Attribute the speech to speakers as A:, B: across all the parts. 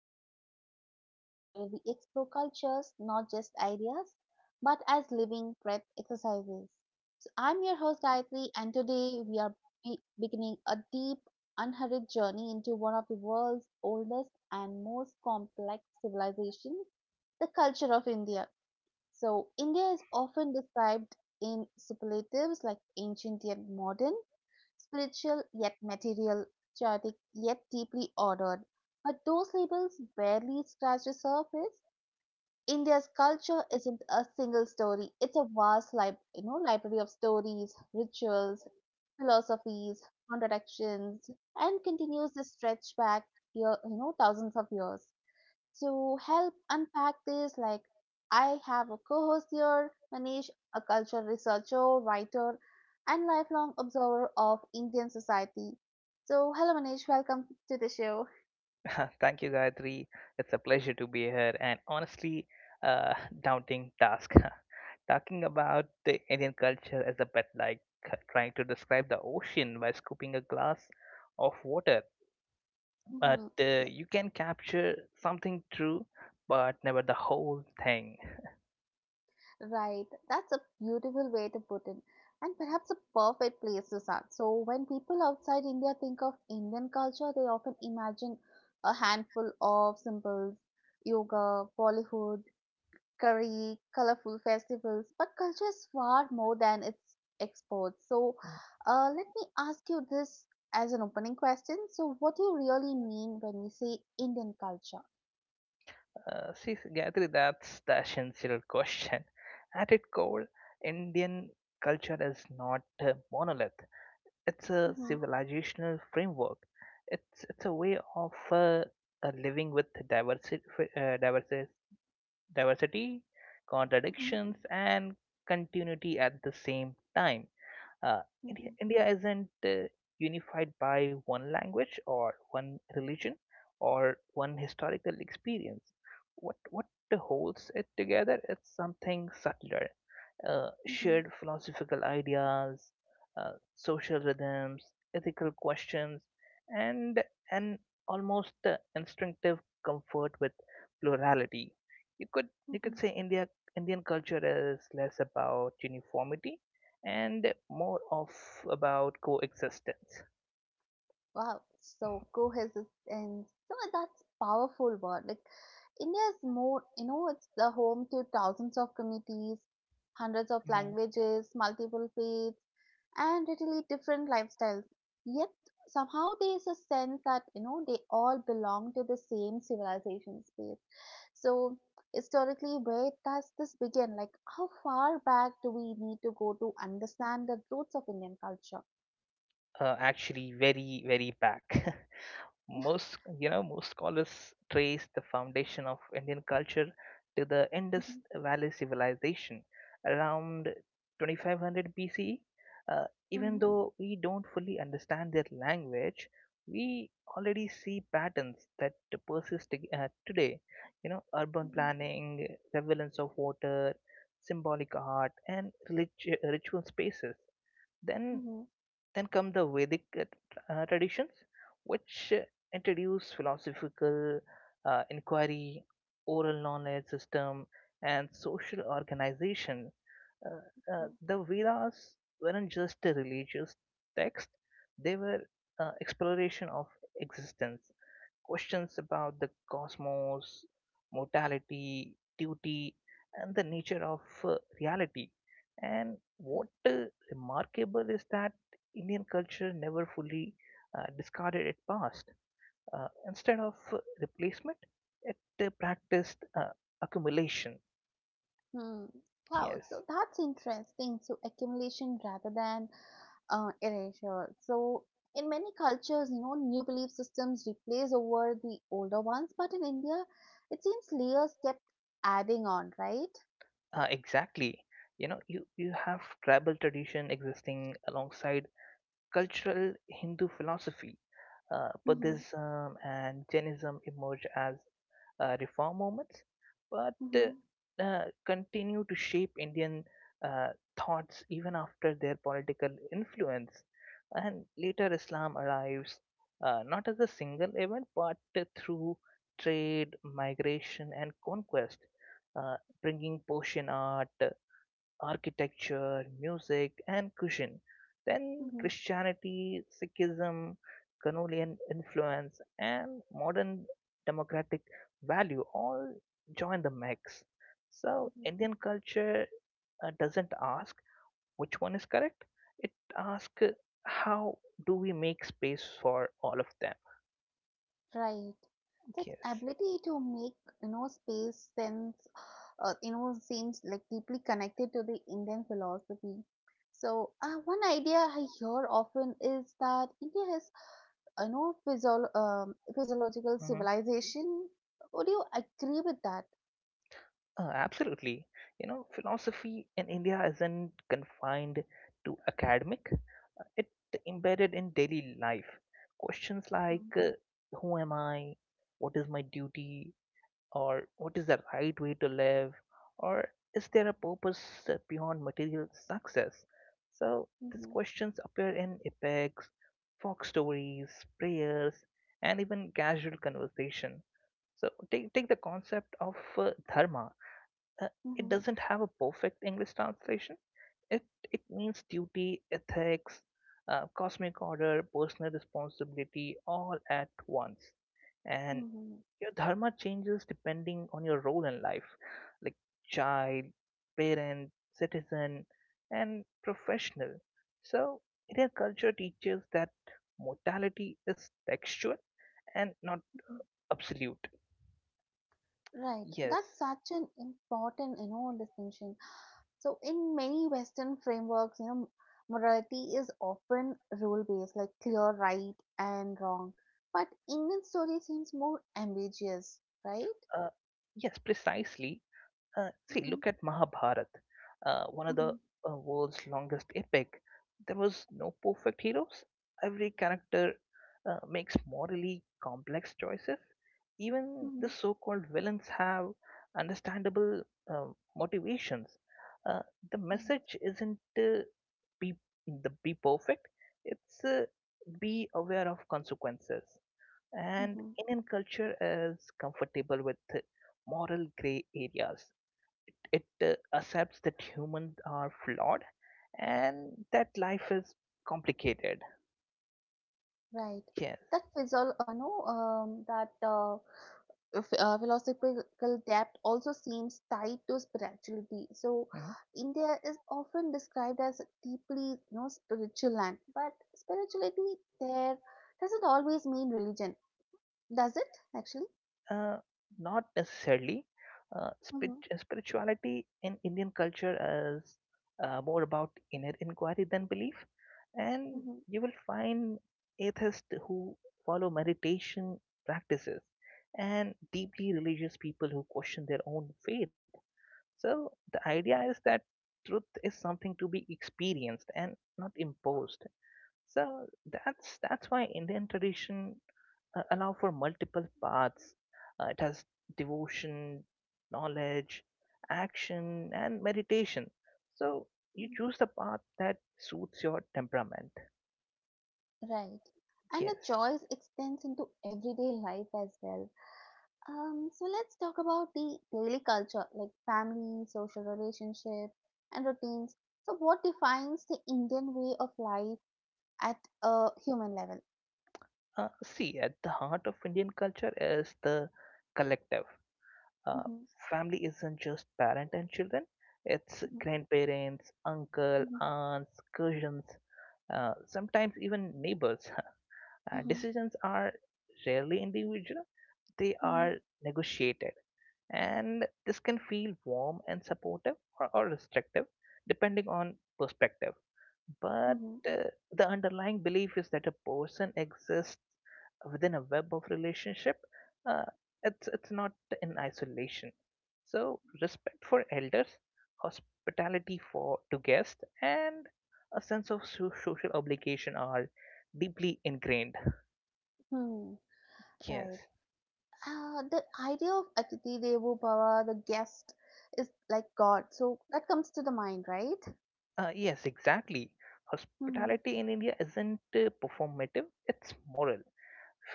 A: India, the podcast where we explore cultures, not just ideas, but as living breath exercises. So I'm your host Gayatri, and today we are beginning a deep, unhurried journey into one of the world's oldest and most complex civilizations, the culture of India. So India is often described in superlatives like ancient yet modern, spiritual yet material, chaotic yet deeply ordered. But those labels barely scratch the surface. India's culture isn't a single story; it's a vast, library of stories, rituals, philosophies, contradictions, and continues to stretch back, thousands of years. To help unpack this, I have a co-host here, Manish, a cultural researcher, writer, and lifelong observer of Indian society. So, hello Manish, welcome to the show.
B: Thank you, Gayatri. It's a pleasure to be here and honestly, uh, daunting task. Talking about the Indian culture as a bit like trying to describe the ocean by scooping a glass of water. But
A: Hmm. Yeah,
B: you can capture something true, but never the whole thing.
A: right. That's a beautiful way to put it, and perhaps a perfect place to start. So, when people outside India think of Indian culture, they often imagine a handful of symbols, yoga, Bollywood, curry, colorful festivals, but culture is far more than its exports. So, let me ask you this as an opening question. So, what do you really mean when we say Indian culture?
B: See, Gayatri, that's the essential question. At its core, Indian culture is not a monolith. It's a
A: Mm-hmm.
B: civilizational framework. It's a way of living with diversity, uh, diversity, diversity,
A: Mm-hmm.
B: contradictions, and continuity at the same time. Uh, India isn't unified by one language or one religion or one historical experience. What holds it together? It's something subtler,
A: Mm-hmm.
B: shared philosophical ideas, social rhythms, ethical questions, and an almost instinctive comfort with plurality. You could you
A: Mm-hmm.
B: could say India Indian culture is less about uniformity and more of about coexistence.
A: Wow, so cohesive, and so that's powerful word. India is more, you know, it's the home to thousands of communities, hundreds of
B: Mhm.
A: languages, multiple faiths, and really different lifestyles. Yet somehow there is a sense that you know they all belong to the same civilization space. So historically, where does this begin? Like, how far back do we need to go to understand the roots of Indian culture?
B: Actually, very very back. Most, you know, most scholars trace the foundation of Indian culture to the Indus
A: Mhm.
B: Valley civilization around 2500 BCE. Uh, Even
A: Mhm.
B: though we don't fully understand their language, we already see patterns that today. You know, urban
A: Mhm.
B: planning, relevance of water, symbolic art, and ritual spaces. Then
A: Mhm.
B: then come the Vedic traditions, which introduce philosophical inquiry, oral knowledge system, and social organization.
A: Okay.
B: The Vedas weren't just a religious text; they were exploration of existence. Questions about the cosmos, mortality, duty, and the nature of reality. And what remarkable is that Indian culture never fully discarded its past. Instead of replacement, it practiced accumulation.
A: Hmm. Wow,
B: Yes,
A: so that's interesting. So accumulation rather than erasure. So in many cultures, you know, new belief systems replace over the older ones, but in India, it seems layers kept adding on, right?
B: exactly. You know, you have tribal tradition existing alongside cultural Hindu philosophy,
A: Mm-hmm.
B: Buddhism and Jainism emerge as reform movements, but
A: Mm-hmm.
B: continue to shape Indian uh, thoughts even after their political influence. And later, Islam arrives, not as a single event but through trade, migration, and conquest, uh, bringing Persian art, architecture, music, and cuisine. Then Christianity, Sikhism, Canolian influence, and modern democratic value all join the mix. So
A: Mm-hmm.
B: Indian culture doesn't ask which one is correct. It asks how do we make space for all of them.
A: Right. That
B: Yes.
A: ability to make, you know, space sense, you know seems like deeply connected to the indian philosophy. So one idea I hear often is that india has you know physiological
B: Mhm.
A: civilization. Would you agree with that?
B: Absolutely. You know, philosophy in India isn't confined to academic, it embedded in daily life. Questions
A: Mm-hmm.
B: like who am I? What is my duty? Or what is the right way to live? Or is there a purpose beyond material success? So these
A: Mm-hmm.
B: questions appear in epics, folk stories, prayers, and even casual conversation. So take the concept of dharma, uh, it doesn't have a perfect English translation. It it means duty, ethics, cosmic order, personal responsibility, all at once. And
A: Mm-hmm.
B: your dharma changes depending on your role in life, like child, parent, citizen, and professional. So Indian culture teaches that mortality is textual and not absolute.
A: Right. That's
B: Yes.
A: such an important, you know, distinction. So in many Western frameworks, you know, morality is often rule based, like clear right and wrong. But Indian story seems more ambiguous, right?
B: Uh, yes, precisely.
A: Mm-hmm.
B: Look at Mahabharat, one of the
A: Mm-hmm.
B: world's longest epic. There was no perfect heroes. Every character makes morally complex choices. Even
A: Mm-hmm.
B: the so-called villains have understandable motivations. Uh, the
A: Right.
B: message isn't be be perfect. It's, be aware of consequences. And
A: Mm-hmm.
B: Indian culture is comfortable with moral gray areas, it accepts that humans are flawed and that life is complicated.
A: Right.
B: Yes.
A: That physio- no, that philosophical depth also seems tied to spirituality. So
B: Mhm.
A: India is often described as a deeply, you know, spiritual land, but spirituality there doesn't always mean religion. Does it actually?
B: Uh, Not necessarily.
A: Mm-hmm.
B: Spirituality in Indian culture is, more about inner inquiry than belief, and
A: Mm-hmm.
B: you will find atheists who follow meditation practices and deeply religious people who question their own faith. So the idea is that truth is something to be experienced and not imposed. So that's why Indian tradition allow for multiple paths. It has devotion, knowledge, action, and meditation. So you
A: Mm.
B: choose the path that suits your temperament.
A: Right. And the
B: Yes.
A: choice extends into everyday life as well. So let's talk about the daily culture, like family, social relationship, and routines. So, what defines the Indian way of life at a human level?
B: At the heart of Indian culture is the collective, uh,
A: Mhm.
B: family isn't just parent and children, it's
A: Mhm.
B: grandparents, uncle,
A: Mhm.
B: aunts, cousins, sometimes even neighbors.
A: Mhm.
B: Decisions are rarely individual, they
A: Mhm.
B: are negotiated, and this can feel warm and supportive, or restrictive depending on perspective. But
A: Mhm.
B: uh, the underlying belief is that a person exists within a web of relationship, uh, it's not in isolation. So respect for elders, hospitality for to guests, and a sense of social obligation are deeply ingrained.
A: Hmm,
B: Yes.
A: right. The idea of Atiti Devo Bhava, the guest, is like God. So that comes to the mind, right?
B: Yes, exactly.
A: Mhm.
B: Hospitality in India isn't performative, it's moral.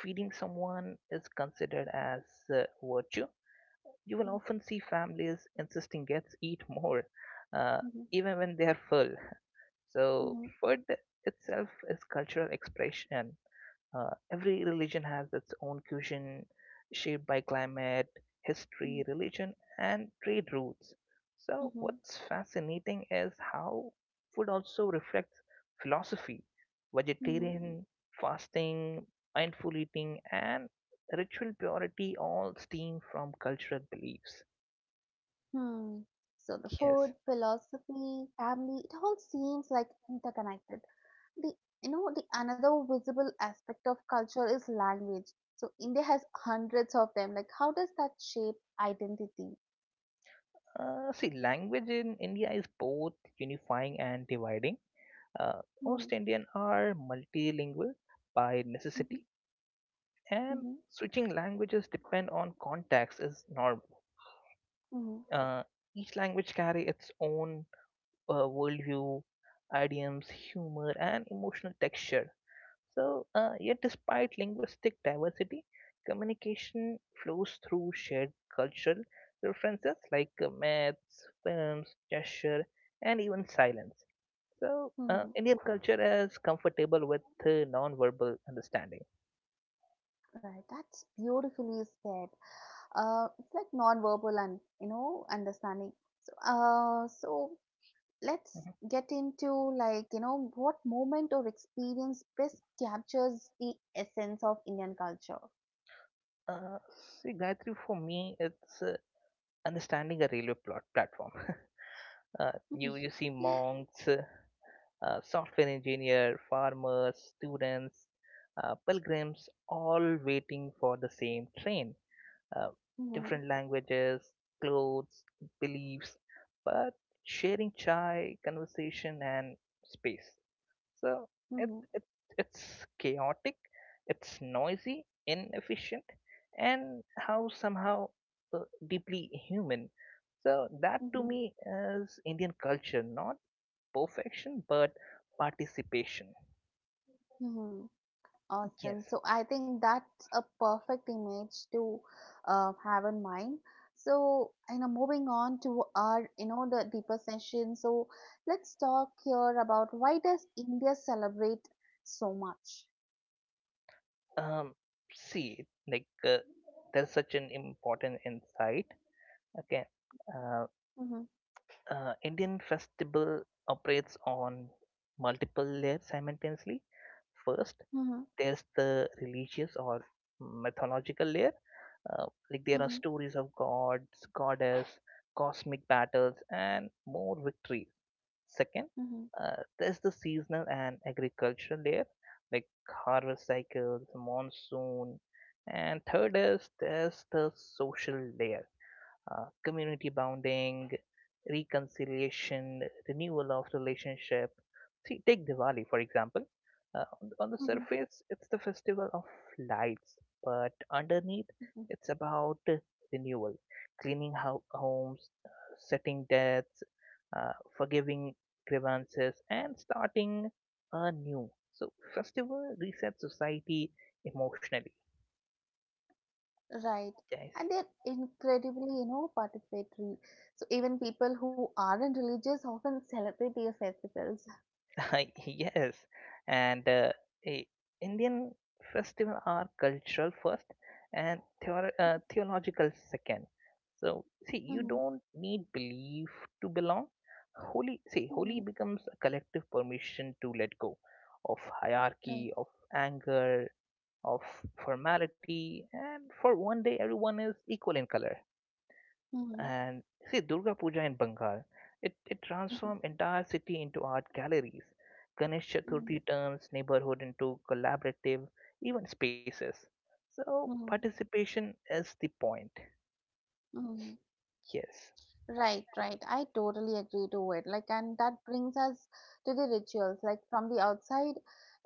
B: Feeding someone is considered as virtue. You will
A: Mhm.
B: often see families insisting guests eat more, uh,
A: Mhm.
B: even when they are full. So,
A: Mhm.
B: food itself is cultural expression, every religion has its own cuisine, shaped by climate, history,
A: Mhm.
B: religion, and trade routes. So,
A: Mhm.
B: what's fascinating is how food also reflects philosophy.
A: Mhm.
B: Vegetarian, fasting, mindful eating, and ritual purity all stem from cultural beliefs.
A: Hmm. So the
B: Yes.
A: food, philosophy, family, it all seems like interconnected. The You know the another visible aspect of culture is language. So India has hundreds of them. Like how does that shape identity?
B: Language in India is both unifying and dividing. Uh, Most
A: Mhm.
B: Indian are multilingual by
A: Mhm.
B: necessity, and
A: Mhm.
B: switching languages depend on context is normal.
A: Mhm.
B: Uh, each language carry its own worldview, idioms, humor, and emotional texture. So, yet despite linguistic diversity, communication flows through shared cultural references like myths, films, gesture, and even silence. So,
A: Mhm.
B: Indian culture is comfortable with non-verbal understanding.
A: Right, that's beautifully said. It's like non-verbal and you know understanding. So let's get into you know what moment or experience best captures the essence of Indian culture.
B: Uh, Gayatri, for me, it's understanding a railway plot platform.
A: Mm-hmm.
B: You see monks, software engineer, farmers, students, pilgrims, all waiting for the same train. uh,
A: Mm-hmm.
B: Different languages, clothes, beliefs, but sharing chai, conversation, and space. So it, it it's chaotic, it's noisy, inefficient, and how somehow uh, deeply human. So that to
A: Mm-hmm.
B: me is Indian culture, not perfection, but participation.
A: Mm-hmm. Awesome.
B: Yes.
A: So I think that's a perfect image to have in mind. So you know, moving on to our you know the deeper session. So let's talk here about why does India celebrate so much?
B: Um. See, like there's such an important insight. Okay. Uh,
A: Mm-hmm.
B: Indian festival operates on multiple layers simultaneously. First,
A: Mm-hmm.
B: there's the religious or mythological layer. Like there are
A: Mm-hmm.
B: stories of gods, goddess, cosmic battles, and more victories. Second,
A: Mm-hmm.
B: there's the seasonal and agricultural layer, like harvest cycles, monsoon. And third is there's the social layer, community bonding, reconciliation, renewal of relationship. See, take Diwali for example. On the
A: Mm-hmm.
B: surface, it's the festival of lights, but underneath, it's about renewal, cleaning homes, setting debts, uh, forgiving grievances, and starting anew. So, festival resets society emotionally,
A: Right.
B: guys.
A: And they're incredibly, you know, participatory. So even people who aren't religious often celebrate their festivals.
B: Yes, and i- Indian festival are cultural first and theological second. So see, you
A: Mm-hmm.
B: don't need belief to belong. Holy, see,
A: Mm-hmm.
B: holy becomes a collective permission to let go of
A: Right.
B: hierarchy, of anger, of formality, and for one day everyone is equal in color.
A: Mm-hmm.
B: And see, Durga Puja in Bengal, it
A: Mm-hmm.
B: transforms entire city into art galleries. Ganesh
A: Mm-hmm.
B: Chaturthi turns neighborhood into collaborative, even spaces. So
A: Mm-hmm.
B: participation is the point.
A: Mm-hmm.
B: Yes.
A: Right, right. I totally agree to it. Like, and that brings us to the rituals. Like, from the outside,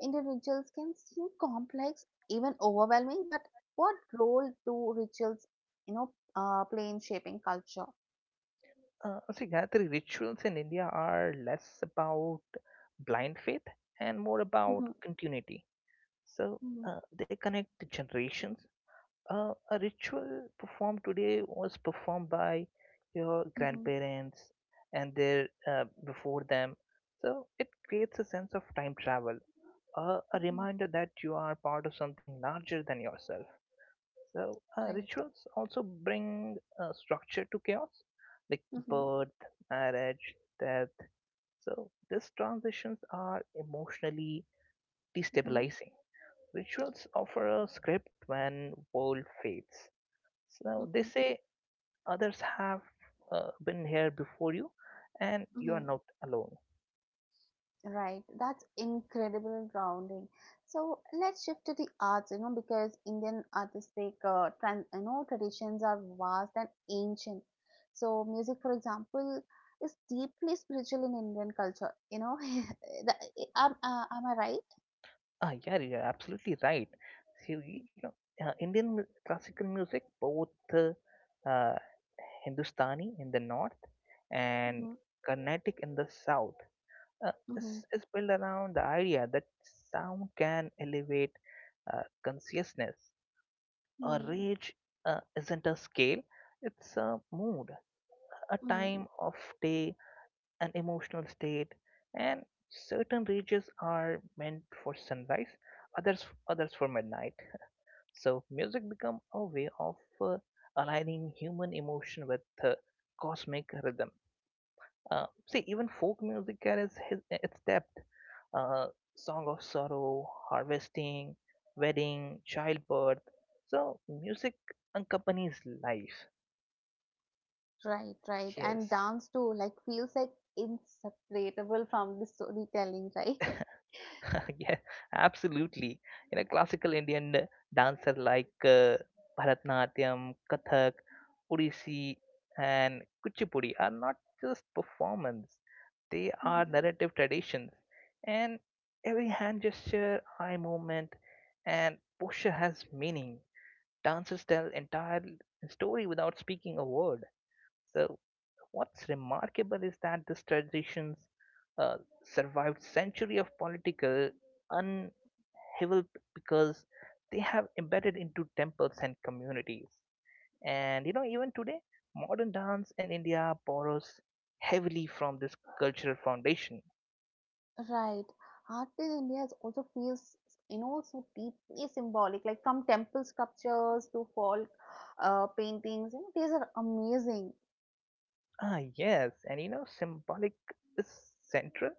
A: Indian rituals can seem complex, even overwhelming, but what role do rituals, you know, play in shaping culture?
B: Gayatri, rituals in India are less about blind faith and more about
A: Mm-hmm.
B: continuity. So
A: Mm-hmm.
B: they connect the generations. A ritual performed today was performed by your
A: Mm-hmm.
B: grandparents and their before them. So it creates a sense of time travel, a
A: Mm-hmm.
B: reminder that you are part of something larger than yourself. So
A: Right.
B: rituals also bring structure to chaos, like
A: Mhm.
B: birth, marriage, death. So these transitions are emotionally
A: Mhm.
B: destabilizing. Rituals offer a script when world fades. So they
A: Mhm.
B: say others have been here before you, and you are
A: Mhm.
B: not alone.
A: Right, that's incredibly grounding. So let's shift to the arts, you know, because Indian artistic, traditions are vast and ancient. So music, for example, is deeply spiritual in Indian culture. You know, am I right?
B: Ah, yeah, you are absolutely right. So, you know, classical music, both uh, uh, Hindustani in the north and
A: Mm-hmm.
B: Carnatic in the south,
A: Mm-hmm.
B: is built around the idea that sound can elevate consciousness. A
A: Mm-hmm.
B: rage isn't a scale; it's a mood, a
A: Mm-hmm.
B: time of day, an emotional state, and certain regions are meant for sunrise, others others for midnight. So music become a way of uh, aligning human emotion with uh, cosmic rhythm. uh, See, even folk music carries its depth, uh, song of sorrow, harvesting, wedding, childbirth, so music accompanies life.
A: Right, right, and
B: Yes.
A: dance too. Like feels like inseparable from the storytelling, right?
B: Yeah, absolutely. You know, classical Indian dancer like Bharatanatyam, Kathak, Odissi, and Kuchipudi are not just performance; they are narrative traditions. And every hand gesture, eye movement, and posture has meaning. Dancers tell entire story without speaking a word. So, what's remarkable is that these traditions uh, survived century of political heavily because they have embedded into temples and communities. And you know, even today, modern dance in India borrows heavily from this cultural foundation.
A: Right. Art in India is also feels, you know, so deeply symbolic. Like from temple sculptures to folk paintings, you know, these are amazing.
B: Ah, yes, and you know, symbolic is central,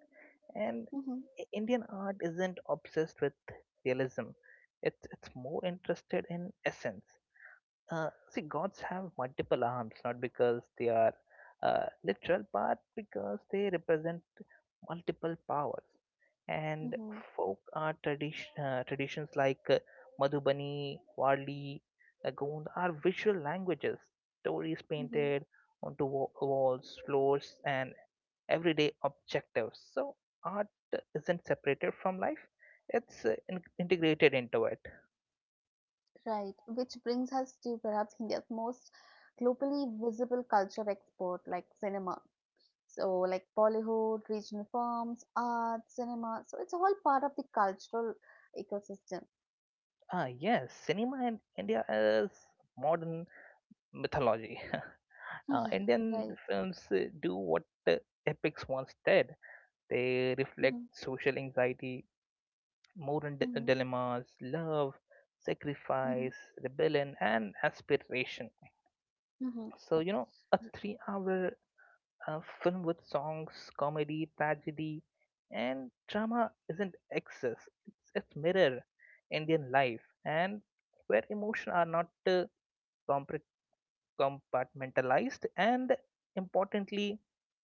B: and
A: Mm-hmm.
B: Indian art isn't obsessed with realism. It's more interested in essence. Gods have multiple arms, not because they are literal, but because they represent multiple powers. And
A: Mm-hmm.
B: traditions like Madhubani, Wali, Gond are visual languages, stories
A: Mm-hmm.
B: painted onto walls, floors, and everyday objectives. So, art isn't separated from life, it's integrated into it.
A: Right. Which brings us to perhaps India's most globally visible culture export, like cinema. So, like Bollywood, regional films, art, cinema. So it's all part of the cultural ecosystem.
B: Ah, yes, cinema in India is modern mythology.
A: Mhm.
B: Indian
A: Right.
B: films do what the epics once did. They
A: Mm-hmm.
B: reflect social anxiety, moral
A: Mm-hmm.
B: dilemmas, love,
A: Mm-hmm.
B: sacrifice, rebellion, and aspiration.
A: Mm-hmm.
B: So, a 3-hour film with songs, comedy, tragedy, and drama isn't excess, it's mirror Indian life and where emotion are not. Uh, Compartmentalized, and importantly,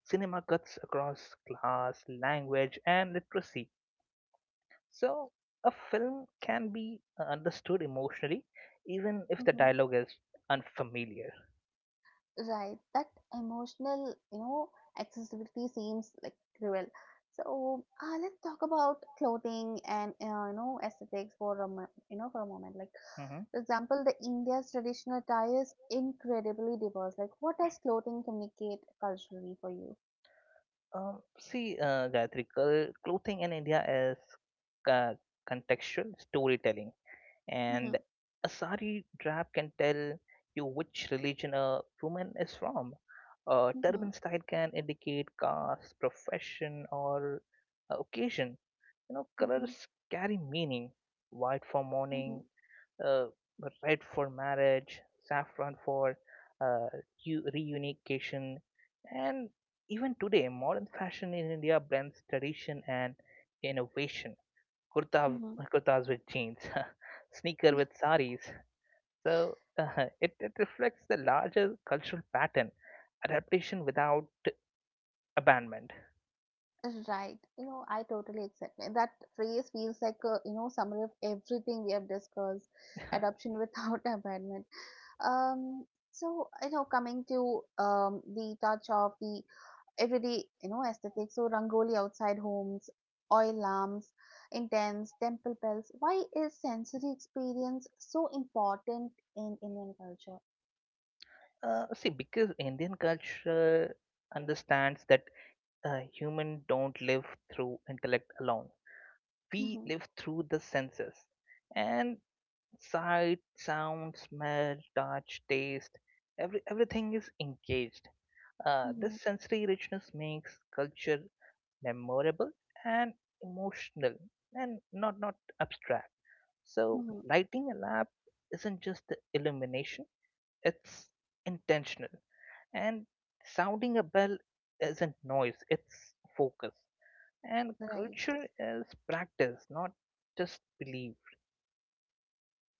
B: cinema cuts across class, language, and literacy. So, a film can be understood emotionally, even if the
A: Mm-hmm.
B: dialogue is unfamiliar.
A: Right, that emotional, you know, accessibility seems like cruel. So let's talk about clothing and you know aesthetics for a moment. Like
B: Mhm.
A: for example, the India's traditional attire is incredibly diverse. Like, what does clothing communicate culturally for you?
B: See, Gayatri, clothing in India is ca- contextual storytelling, and
A: Mm-hmm.
B: a sari drab can tell you which religion a woman is from. A
A: Mm-hmm.
B: turban style can indicate caste, profession, or occasion. You know,
A: Mm-hmm.
B: colors carry meaning. White for mourning, uh, red for marriage, saffron for uh, reunification, and even today, modern fashion in India blends tradition and innovation. Kurta,
A: Mm-hmm.
B: kurtas with jeans, sneaker with saris. So it reflects the larger cultural pattern, adaptation without abandonment.
A: Right. You know, I totally accept it. That phrase feels like a, you know, summary of everything we have discussed, adoption without abandonment. Um, so, you know, coming to the touch of the everyday, you know, aesthetic. So, Rangoli outside homes, oil lamps, intense temple bells. Why is sensory experience so important in Indian culture?
B: See, because Indian culture understands that human don't live through intellect alone, we
A: Mm-hmm.
B: live through the senses, and sight, sound, smell, touch, taste, everything is engaged.
A: Mm-hmm.
B: This sensory richness makes culture memorable and emotional and not abstract. So
A: Mm-hmm.
B: lighting a lamp isn't just the illumination, it's intentional, and sounding a bell isn't noise, it's focus, and
A: Right.
B: culture is practice, not just belief.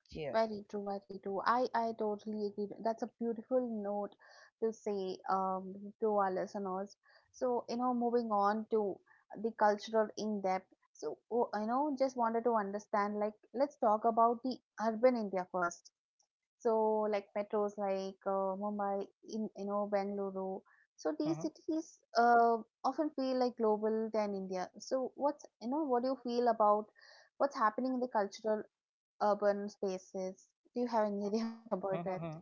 B: Yeah.
A: Very true, very true. I totally agree. That's a beautiful note to say to our listeners. So, you know, moving on to the cultural in depth. So, oh, you know, just wanted to understand like, let's talk about the urban India first. So, like metros like Mumbai, in, you know, Bengaluru. So, these
B: Mhm,
A: cities often feel like global than India. So, what's, you know, what do you feel about what's happening in the cultural urban spaces. Do you have any idea about that?
B: mhm, mhm.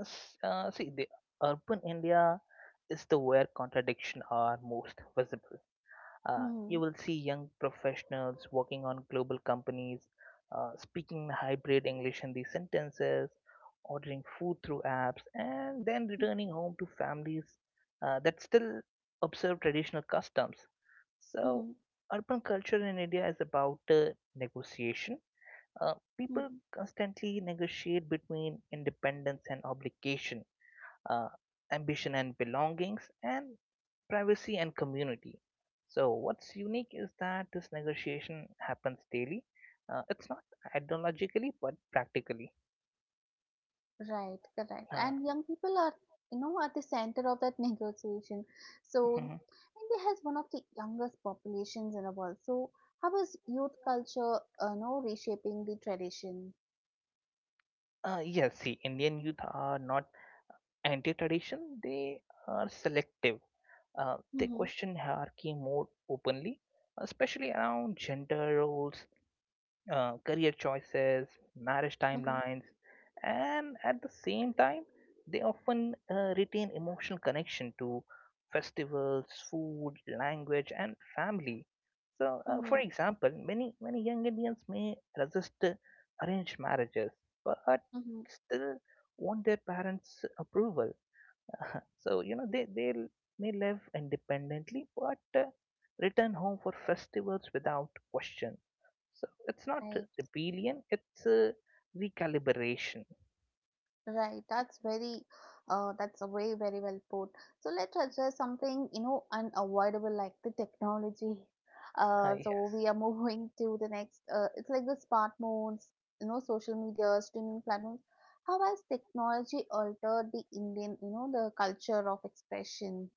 B: See, the urban India is the where contradictions are most visible.
A: Mm-hmm.
B: You will see young professionals working on global companies, speaking hybrid English in these sentences, ordering food through apps, and then returning home to families that still observe traditional customs. So,
A: Mm-hmm.
B: urban culture in India is about negotiation. People
A: Mm-hmm.
B: constantly negotiate between independence and obligation, uh, ambition and belongings, and privacy and community. So, what's unique is that this negotiation happens daily. It's not ideologically, but practically.
A: Right, correct.
B: Uh,
A: And young people are, you know, at the center of that negotiation. So,
B: mhm.
A: India has one of the youngest populations in the world. So, how is youth culture, you know, reshaping the tradition?
B: Yes, see, Indian youth are not anti tradition, they are selective. They
A: Mm-hmm.
B: question hierarchy more openly, especially around gender roles, career choices, marriage
A: Mm-hmm.
B: timelines, and at the same time, they often retain emotional connection to festivals, food, language, and family. So, for
A: Mm-hmm.
B: example, many young Indians may resist arranged marriages, but
A: Mm-hmm.
B: still want their parents' approval. So, you know, they may live independently but return home for festivals without question. So it's not
A: Right.
B: rebellion, it's recalibration.
A: Right, that's very, that's a very, very well put. So let's address something, you know, unavoidable like the technology.
B: Ah,
A: So
B: yes.
A: we are moving to the next, it's like the smartphones, you know, social media, streaming platforms. How has technology altered the Indian, you know, the culture of expression?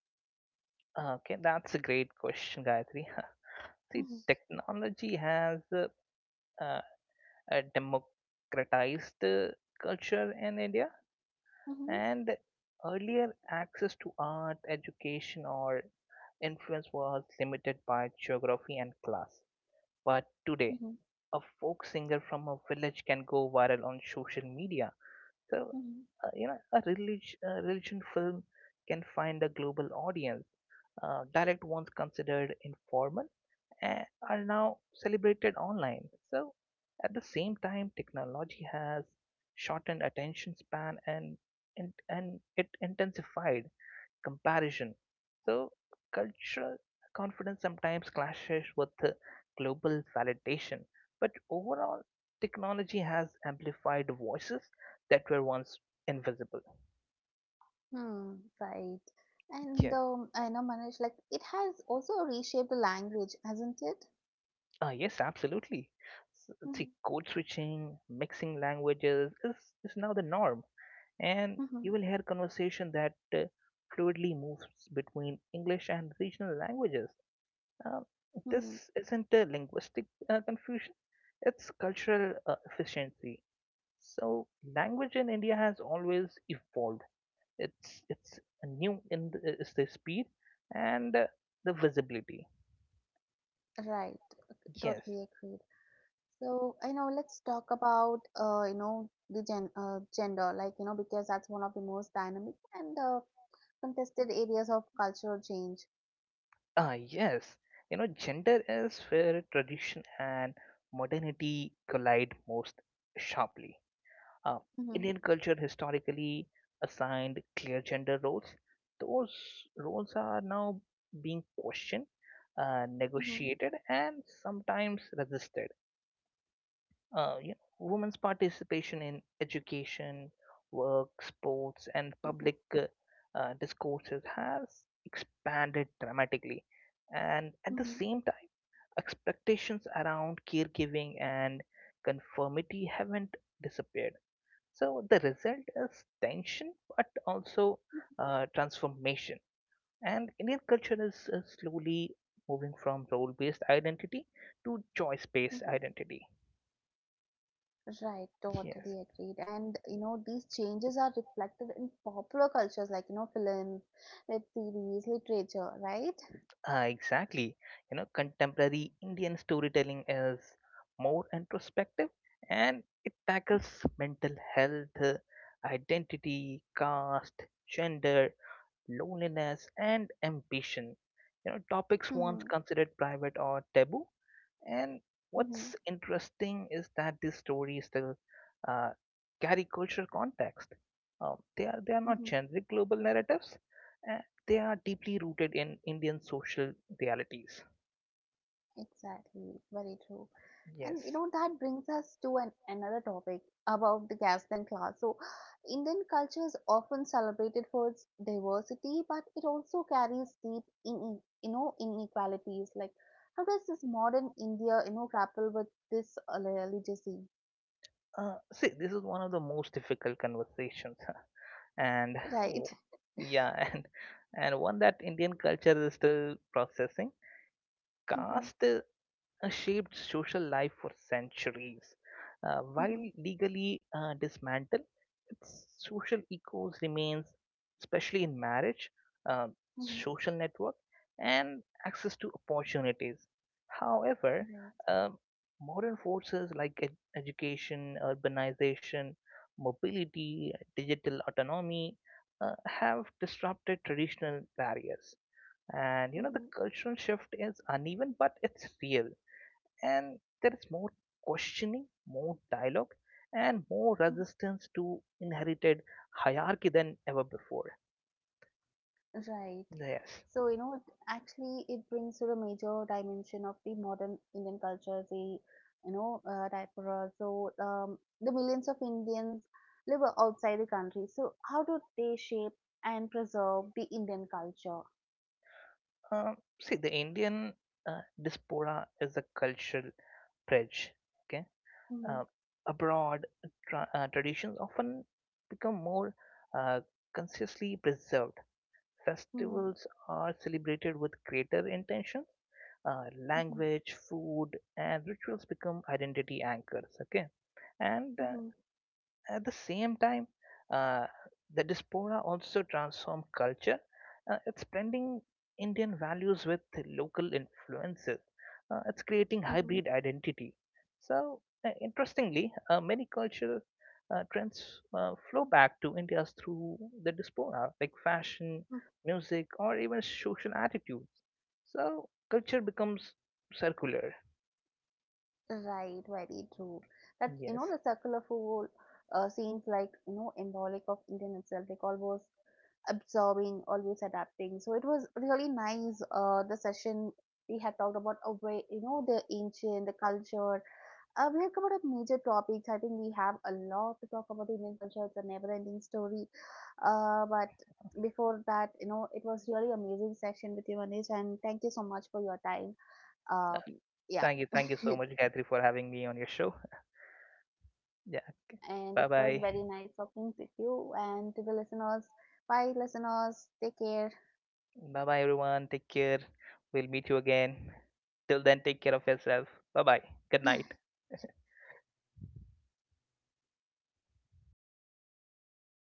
B: Okay, that's a great question, Gayatri. See,
A: Mhm.
B: technology has uh, democratized culture in India,
A: Mhm.
B: and earlier access to art, education, or influence was limited by geography and class, but
A: Mhm.
B: today a folk singer from a village can go viral on social media. So,
A: Mhm.
B: you know, a religion film can find a global audience. Direct ones considered informal and are now celebrated online. So, at the same time, technology has shortened attention span, and it intensified comparison. So, cultural confidence sometimes clashes with the global validation, but overall, technology has amplified voices that were once invisible.
A: Hmm, right. And
B: Yes,
A: I know, Manish, like it has also reshaped the language, hasn't it?
B: yes, absolutely. See,
A: Mhm.
B: code switching, mixing languages is now the norm, and
A: Mhm.
B: you will hear conversation that fluidly moves between English and regional languages. Um,
A: Mhm.
B: this isn't a linguistic confusion, it's cultural efficiency. So, language in India has always evolved. It's new in is the speed and the visibility.
A: Right,
B: Yes,
A: totally agreed. So, you know, let's talk about, you know, the gender, like, you know, because that's one of the most dynamic and contested areas of cultural change.
B: yes. You know, gender is where tradition and modernity collide most sharply. Uh,
A: Mm-hmm.
B: Indian culture historically assigned clear gender roles. Those roles are now being questioned,
A: Mm-hmm.
B: negotiated, and sometimes resisted. You know, women's participation in education, work, sports, and
A: Mm-hmm.
B: public discourses has expanded dramatically. And at the
A: Mm-hmm.
B: same time, expectations around caregiving and conformity haven't disappeared, so the result is tension, but also transformation. And Indian culture is slowly moving from role-based identity to choice-based
A: Mm-hmm.
B: identity.
A: Right,
B: Yes,
A: totally agreed. And, you know, these changes are reflected in popular cultures, like, you know, films, web series, literature, right?
B: exactly. You know, contemporary Indian storytelling is more introspective, and it tackles mental health, identity, caste, gender, loneliness, and ambition. You know, topics once
A: Mm-hmm.
B: considered private or taboo. And
A: Mm-hmm.
B: what's interesting is that these stories still uh, carry cultural context. They are not generic global narratives. Uh, they are deeply rooted in Indian social realities.
A: Exactly, very true.
B: Yes.
A: And you know that brings us to an another topic about the caste and class. So, Indian culture is often celebrated for its diversity, but it also carries deep, in, you know, inequalities. Like, how does this modern India, you know, grapple with this legacy?
B: See, this is one of the most difficult conversations, and w-
A: Right.
B: yeah, and one that Indian culture is still processing.
A: Mm-hmm.
B: Caste shaped social life for centuries. While
A: Mm-hmm.
B: legally dismantled, its social echoes remains, especially in marriage, uh,
A: Mm-hmm.
B: social network, and access to opportunities. However,
A: Right.
B: um modern forces like education, urbanization, mobility, digital autonomy have disrupted traditional barriers, and you
A: Mm-hmm.
B: know the
A: Mm-hmm.
B: cultural shift is uneven but it's real, and there is more questioning, more dialogue, and more resistance to inherited hierarchy than ever before.
A: Right.
B: Yes.
A: So, you know, it actually it brings to the major dimension of the modern Indian culture, the, diaspora. So, the millions of Indians live outside the country. So, how do they shape and preserve the Indian culture?
B: See, the Indian diaspora is a cultural bridge. Okay.
A: Mhm.
B: Uh, Abroad, traditions often become more uh, consciously preserved.
A: Mhm.
B: Festivals are celebrated with greater intention,
A: Mhm.
B: language, food, and rituals become identity anchors. Okay, and
A: Mhm.
B: at the same time, uh, the diaspora also transformed culture. It's blending Indian values with local influences. It's creating
A: Mhm.
B: hybrid identity. So, interestingly, many cultural trends flow back to India's through the diaspora, like fashion,
A: Mhm.
B: music, or even social attitudes. So, culture becomes circular.
A: Right, very true. That you know
B: Yes.
A: the circular fool seems like you know symbolic of Indian itself, like almost absorbing, always adapting. So it was really nice. The session we had talked about a way, you know, the ancient, the culture. We had covered up major topics. I think we have a lot to talk about the Indian culture. It's a never-ending story. But before that, you know, it was really amazing session with you, Anish, and thank you so much for your time. Um, yeah,
B: Thank you. Thank you so much, Gayatri, for having me on your show. Yeah.
A: and it
B: Bye
A: was
B: bye.
A: very nice talking with you and to the listeners. Bye, listeners. Take care.
B: Bye bye, everyone. Take care. We'll meet you again. Till then, take care of yourself. Bye bye. Good night.